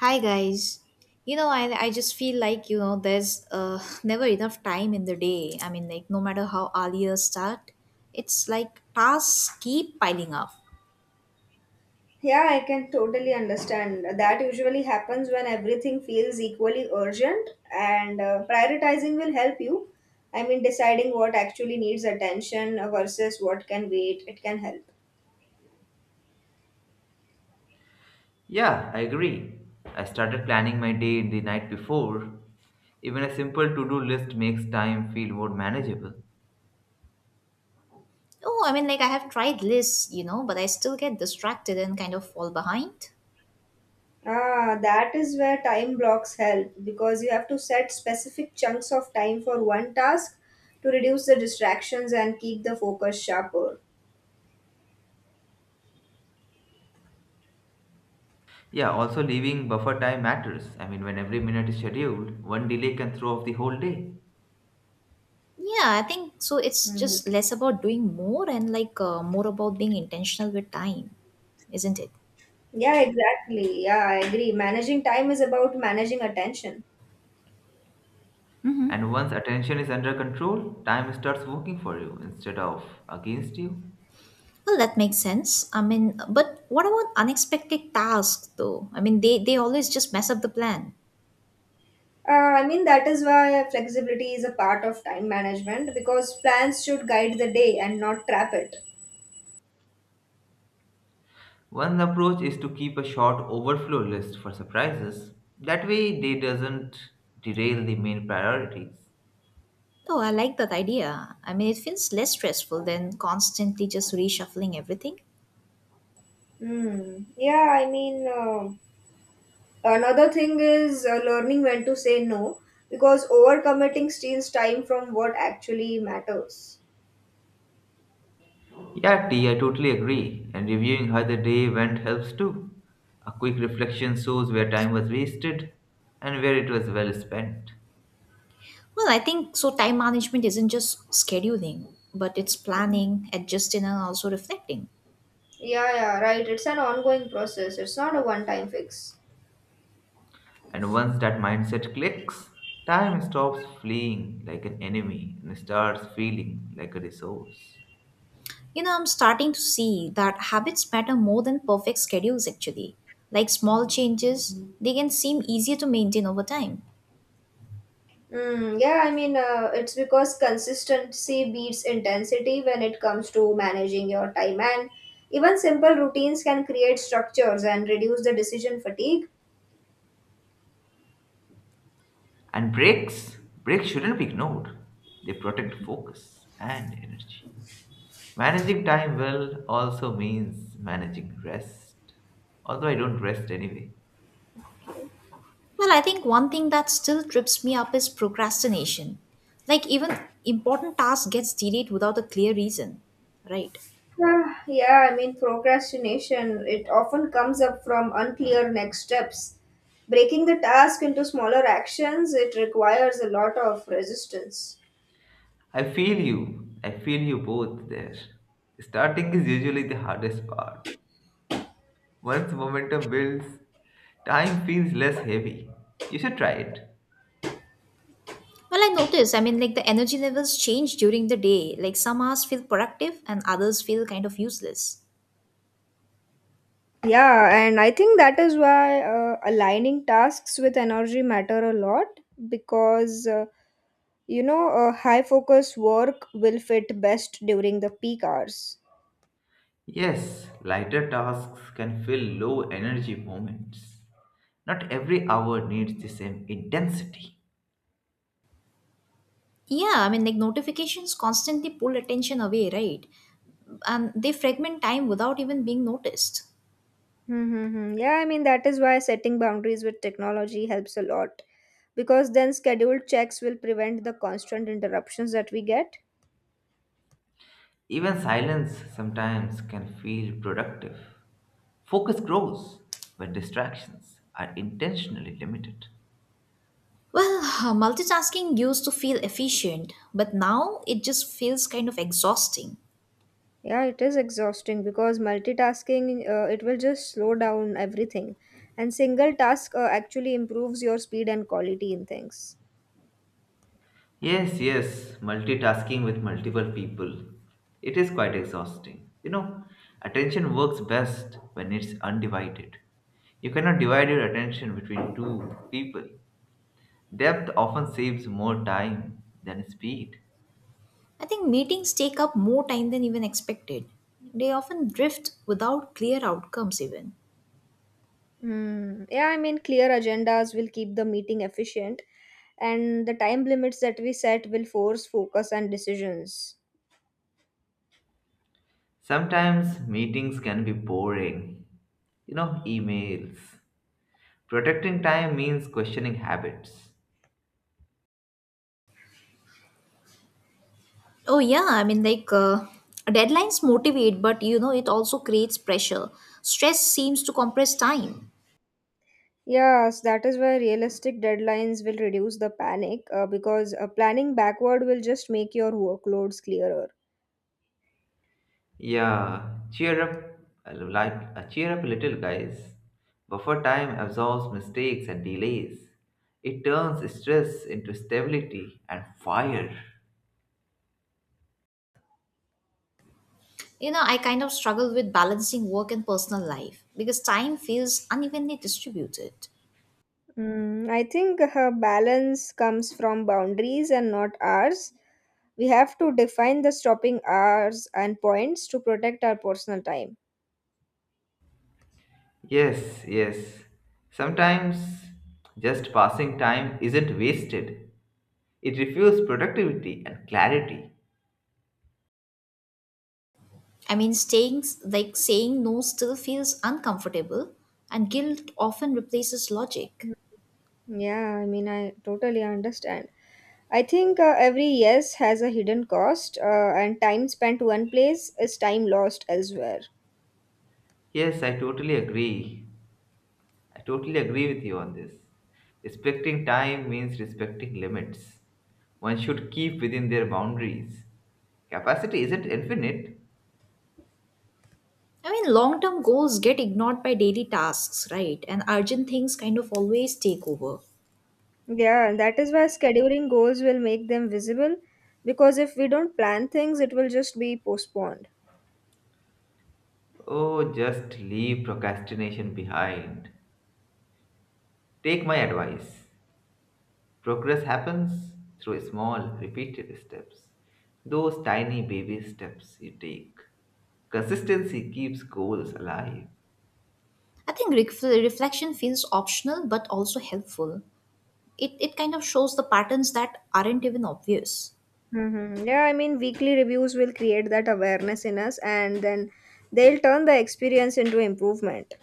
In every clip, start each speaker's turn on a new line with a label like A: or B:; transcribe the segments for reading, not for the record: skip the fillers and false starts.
A: Hi guys. You know, I just feel like, you know, there's never enough time in the day. I mean, like, no matter how earlier start, it's like tasks keep piling up.
B: Yeah, I can totally understand. That usually happens when everything feels equally urgent, and prioritizing will help you. I mean, deciding what actually needs attention versus what can wait, it can help.
C: Yeah, I agree. I started planning my day the night before. Even a simple to do list makes time feel more manageable.
A: Oh, I mean, like, I have tried lists, but I still get distracted and kind of fall behind.
B: Ah, that is where time blocks help because you have to set specific chunks of time for one task to reduce the distractions and keep the focus sharper.
C: Yeah, also leaving buffer time matters. I mean, when every minute is scheduled, one delay can throw off the whole day.
A: Yeah, I think so. It's
B: Hmm.
A: just less about doing more and more about being intentional with time, isn't it?
B: Yeah, exactly. Yeah, I agree. Managing time is about managing attention.
A: Mm-hmm.
C: And once attention is under control, time starts working for you instead of against you.
A: Well, that makes sense. I mean, but what about unexpected tasks though? I mean, they always just mess up the plan.
B: I mean, that is why flexibility is a part of time management because plans should guide the day and not trap it.
C: One approach is to keep a short overflow list for surprises. That way, they doesn't derail the main priorities.
A: Oh, I like that idea. I mean, it feels less stressful than constantly just reshuffling everything.
B: Hmm. Another thing is learning when to say no because overcommitting steals time from what actually matters.
C: Yeah, T, I totally agree. And reviewing how the day went helps too. A quick reflection shows where time was wasted and where it was well spent.
A: Well, I think so. Time management isn't just scheduling, but it's planning, adjusting, and also reflecting.
B: Yeah, yeah, right. It's an ongoing process, it's not a one time fix.
C: And once that mindset clicks, time stops fleeing like an enemy and starts feeling like a resource.
A: You know, I'm starting to see that habits matter more than perfect schedules actually. Like small changes, they can seem easier to maintain over time.
B: Yeah, I mean, it's because consistency beats intensity when it comes to managing your time, and even simple routines can create structures and reduce the decision fatigue.
C: And breaks shouldn't be ignored. They protect focus and energy. Managing time well also means managing rest. Although I don't rest anyway.
B: Okay.
A: Well, I think one thing that still trips me up is procrastination. Like even important tasks gets delayed without a clear reason, right?
B: Ah, yeah, I mean, procrastination, it often comes up from unclear next steps. Breaking the task into smaller actions, it requires a lot of resistance.
C: I feel you both there. Starting is usually the hardest part. Once momentum builds, time feels less heavy. You should try it.
A: Well, I notice, I mean, like the energy levels change during the day. Like some hours feel productive and others feel kind of useless.
B: Yeah, and I think that is why aligning tasks with energy matter a lot because you know, a high focus work will fit best during the peak hours.
C: Yes, lighter tasks can fill low energy moments. Not every hour needs the same intensity.
A: Yeah, I mean, like notifications constantly pull attention away, right? And they fragment time without even being noticed.
B: Mm-hmm. Yeah, I mean, that is why setting boundaries with technology helps a lot because then scheduled checks will prevent the constant interruptions that we get.
C: Even silence sometimes can feel productive. Focus grows when distractions are intentionally limited.
A: Well, multitasking used to feel efficient, but now it just feels kind of exhausting.
B: Yeah, it is exhausting because multitasking, it will just slow down everything. And single task actually improves your speed and quality in things.
C: Yes, yes, multitasking with multiple people. It is quite exhausting. You know, attention works best when it's undivided. You cannot divide your attention between two people. Depth often saves more time than speed.
A: I think meetings take up more time than even expected. They often drift without clear outcomes, even.
B: Mm. Yeah, I mean, clear agendas will keep the meeting efficient and the time limits that we set will force focus and decisions.
C: Sometimes meetings can be boring. You know, emails. Protecting time means questioning habits.
A: Oh yeah, I mean deadlines motivate, but you know it also creates pressure. Stress seems to compress time.
B: Yes, that is why realistic deadlines will reduce the panic because planning backward will just make your workloads clearer.
C: Yeah, cheer up, cheer up a little, guys. Buffer time absorbs mistakes and delays. It turns stress into stability and fire.
A: You know, I kind of struggle with balancing work and personal life because time feels unevenly distributed.
B: I think balance comes from boundaries and not hours. We have to define the stopping hours and points to protect our personal time.
C: Yes, yes. Sometimes just passing time isn't wasted. It refuels productivity and clarity.
A: I mean, staying like saying no still feels uncomfortable, and guilt often replaces logic.
B: Yeah, I mean, I totally understand. I think every yes has a hidden cost, and time spent one place is time lost elsewhere.
C: Yes, I totally agree. I totally agree with you on this. Respecting time means respecting limits. One should keep within their boundaries. Capacity isn't infinite.
A: I mean, long term goals get ignored by daily tasks, right? And urgent things kind of always take over.
B: Yeah, and that is why scheduling goals will make them visible because if we don't plan things, it will just be postponed.
C: Oh, just leave procrastination behind. Take my advice. Progress happens through small, repeated steps. Those tiny baby steps you take. Consistency keeps goals alive.
A: I think reflection feels optional but also helpful. It kind of shows the patterns that aren't even obvious.
B: Mm-hmm. Yeah, I mean, weekly reviews will create that awareness in us and then they'll turn the experience into improvement.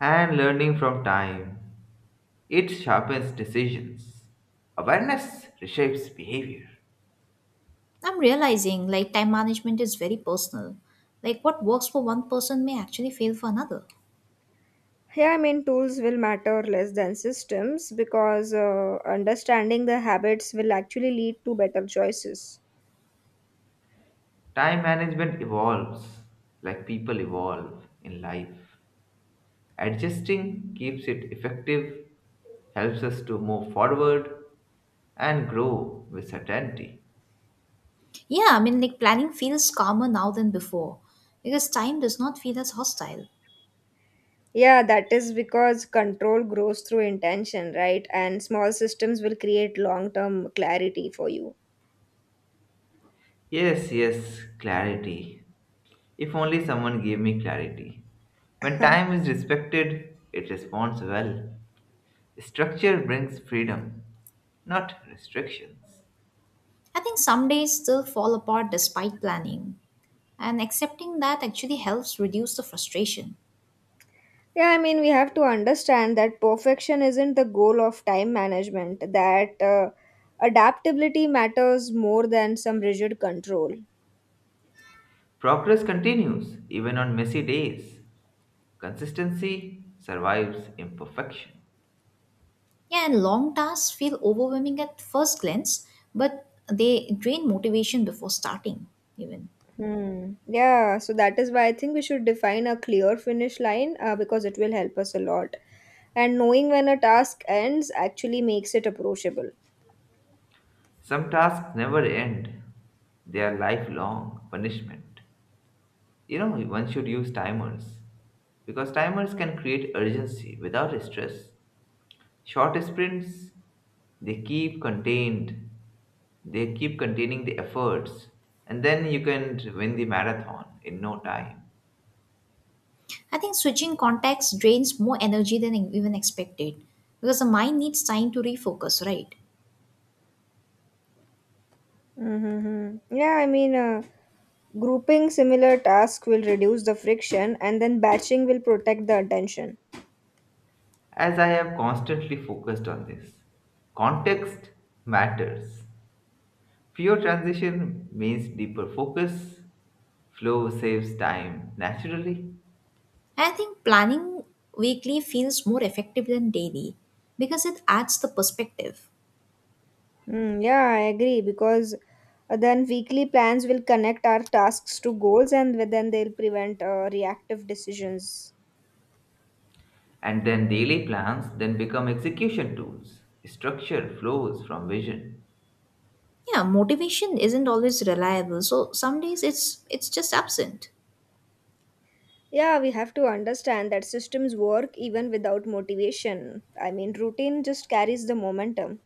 C: And learning from time, it sharpens decisions. Awareness reshapes behavior.
A: I'm realizing like time management is very personal. Like what works for one person may actually fail for another.
B: Yeah, I mean, tools will matter less than systems because understanding the habits will actually lead to better choices.
C: Time management evolves like people evolve in life. Adjusting keeps it effective, helps us to move forward and grow with certainty.
A: Yeah, I mean like planning feels calmer now than before because time does not feel as hostile.
B: Yeah, that is because control grows through intention, right? And small systems will create long term clarity for you.
C: Yes, yes, clarity. If only someone gave me clarity. When
B: Huh.
C: time is respected, it responds well. Structure brings freedom, not restrictions.
A: I think some days still fall apart despite planning, and accepting that actually helps reduce the frustration.
B: Yeah, I mean, we have to understand that perfection isn't the goal of time management, that adaptability matters more than some rigid control.
C: Progress continues even on messy days. Consistency survives imperfection.
A: Yeah, and long tasks feel overwhelming at first glance, but they drain motivation before starting, even.
B: Hmm. Yeah, so that is why I think we should define a clear finish line because it will help us a lot. And knowing when a task ends actually makes it approachable.
C: Some tasks never end, they are lifelong punishment. You know, one should use timers, because timers can create urgency without stress. Short sprints, they keep contained, they keep containing the efforts, and then you can win the marathon in no time.
A: I think switching contacts drains more energy than even expected because the mind needs time to refocus, right?
B: Mm-hmm. Grouping similar tasks will reduce the friction and then batching will protect the attention.
C: As I have constantly focused on this, context matters. Fewer transition means deeper focus, flow saves time naturally,
A: And I think planning weekly feels more effective than daily because it adds the perspective.
B: Hmm, yeah, I agree because then weekly plans will connect our tasks to goals and then they'll prevent reactive decisions.
C: and then daily plans then become execution tools. Structure flows from vision.
A: Yeah, motivation isn't always reliable, so some days it's just absent.
B: Yeah, we have to understand that systems work even without motivation. I mean, routine just carries the momentum.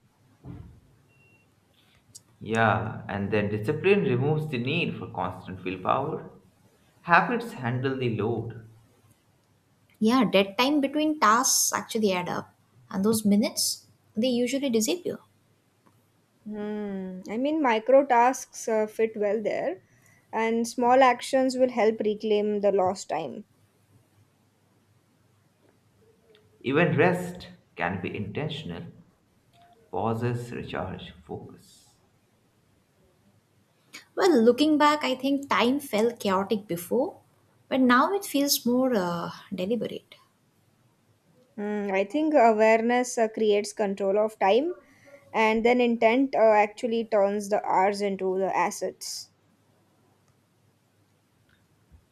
C: Yeah, and then discipline removes the need for constant willpower. Habits handle the load.
A: Yeah, dead time between tasks actually add up, and those minutes they usually disappear.
B: Hmm. I mean, micro tasks fit well there, and small actions will help reclaim the lost time.
C: Even rest can be intentional. Pauses recharge focus.
A: Well, looking back, I think time felt chaotic before, but now it feels more deliberate.
B: I think awareness creates control of time, and then intent actually turns the hours into the assets.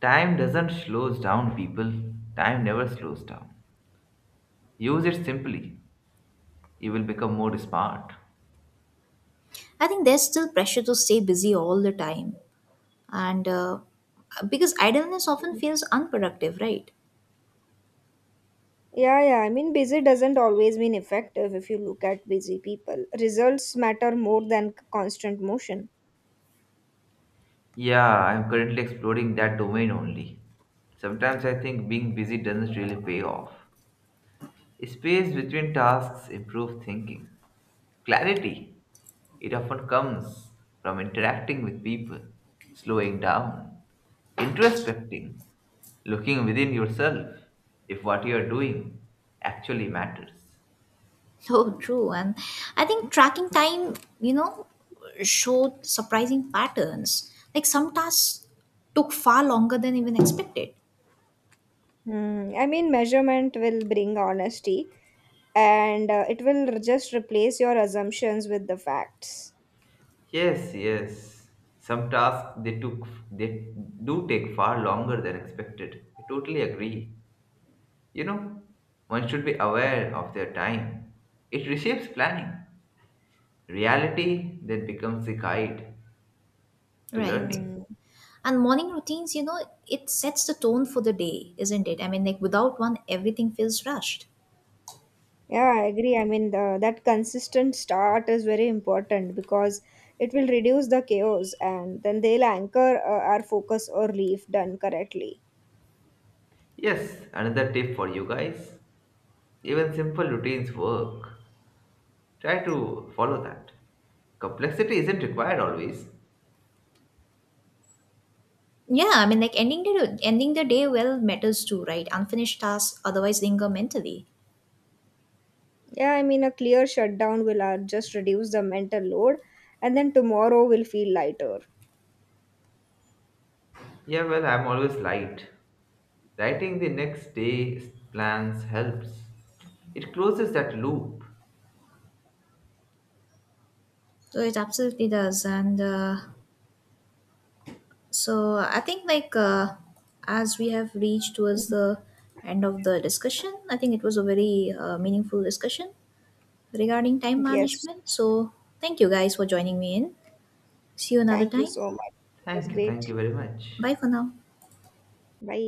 C: Time doesn't slows down people. Time never slows down. Use it simply. You will become more smart.
A: I think there's still pressure to stay busy all the time. And because idleness often feels unproductive, right?
B: Yeah, yeah. I mean, busy doesn't always mean effective if you look at busy people. Results matter more than constant motion.
C: Yeah, I'm currently exploring that domain only. Sometimes I think being busy doesn't really pay off. Space between tasks improves thinking. Clarity, it often comes from interacting with people, slowing down, introspecting, looking within yourself if what you are doing actually matters.
A: So true. And I think tracking time, you know, showed surprising patterns. Like some tasks took far longer than even expected,
B: Hmm. I mean, measurement will bring honesty, and it will just replace your assumptions with the facts.
C: Yes, yes. Some tasks they do take far longer than expected. I totally agree. You know, one should be aware of their time. It reshapes planning. Reality then becomes the guide to
A: right?
C: learning.
B: Hmm.
A: And morning routines, you know, it sets the tone for the day, isn't it? I mean, like without one, everything feels rushed.
B: Yeah, I agree. I mean, that consistent start is very important because it will reduce the chaos and then they'll anchor our focus early if done correctly.
C: Yes, another tip for you guys. Even simple routines work. Try to follow that. Complexity isn't required always.
A: Yeah, I mean, like ending the day well matters too, right? Unfinished tasks otherwise linger mentally.
B: Yeah, I mean, a clear shutdown will just reduce the mental load and then tomorrow will feel lighter.
C: Yeah, well, I'm always light. Writing the next day's plans helps. It closes that loop.
A: So it absolutely does, and so I think as we have reached towards
B: Mhm.
A: the end of the discussion, I think it was a very meaningful discussion regarding time
B: Yes,
A: management. So thank you guys for joining me in. See you another
B: thank you
A: time.
B: so much. It was
C: Thank
B: great.
C: you very much.
A: Bye for now.
B: Bye.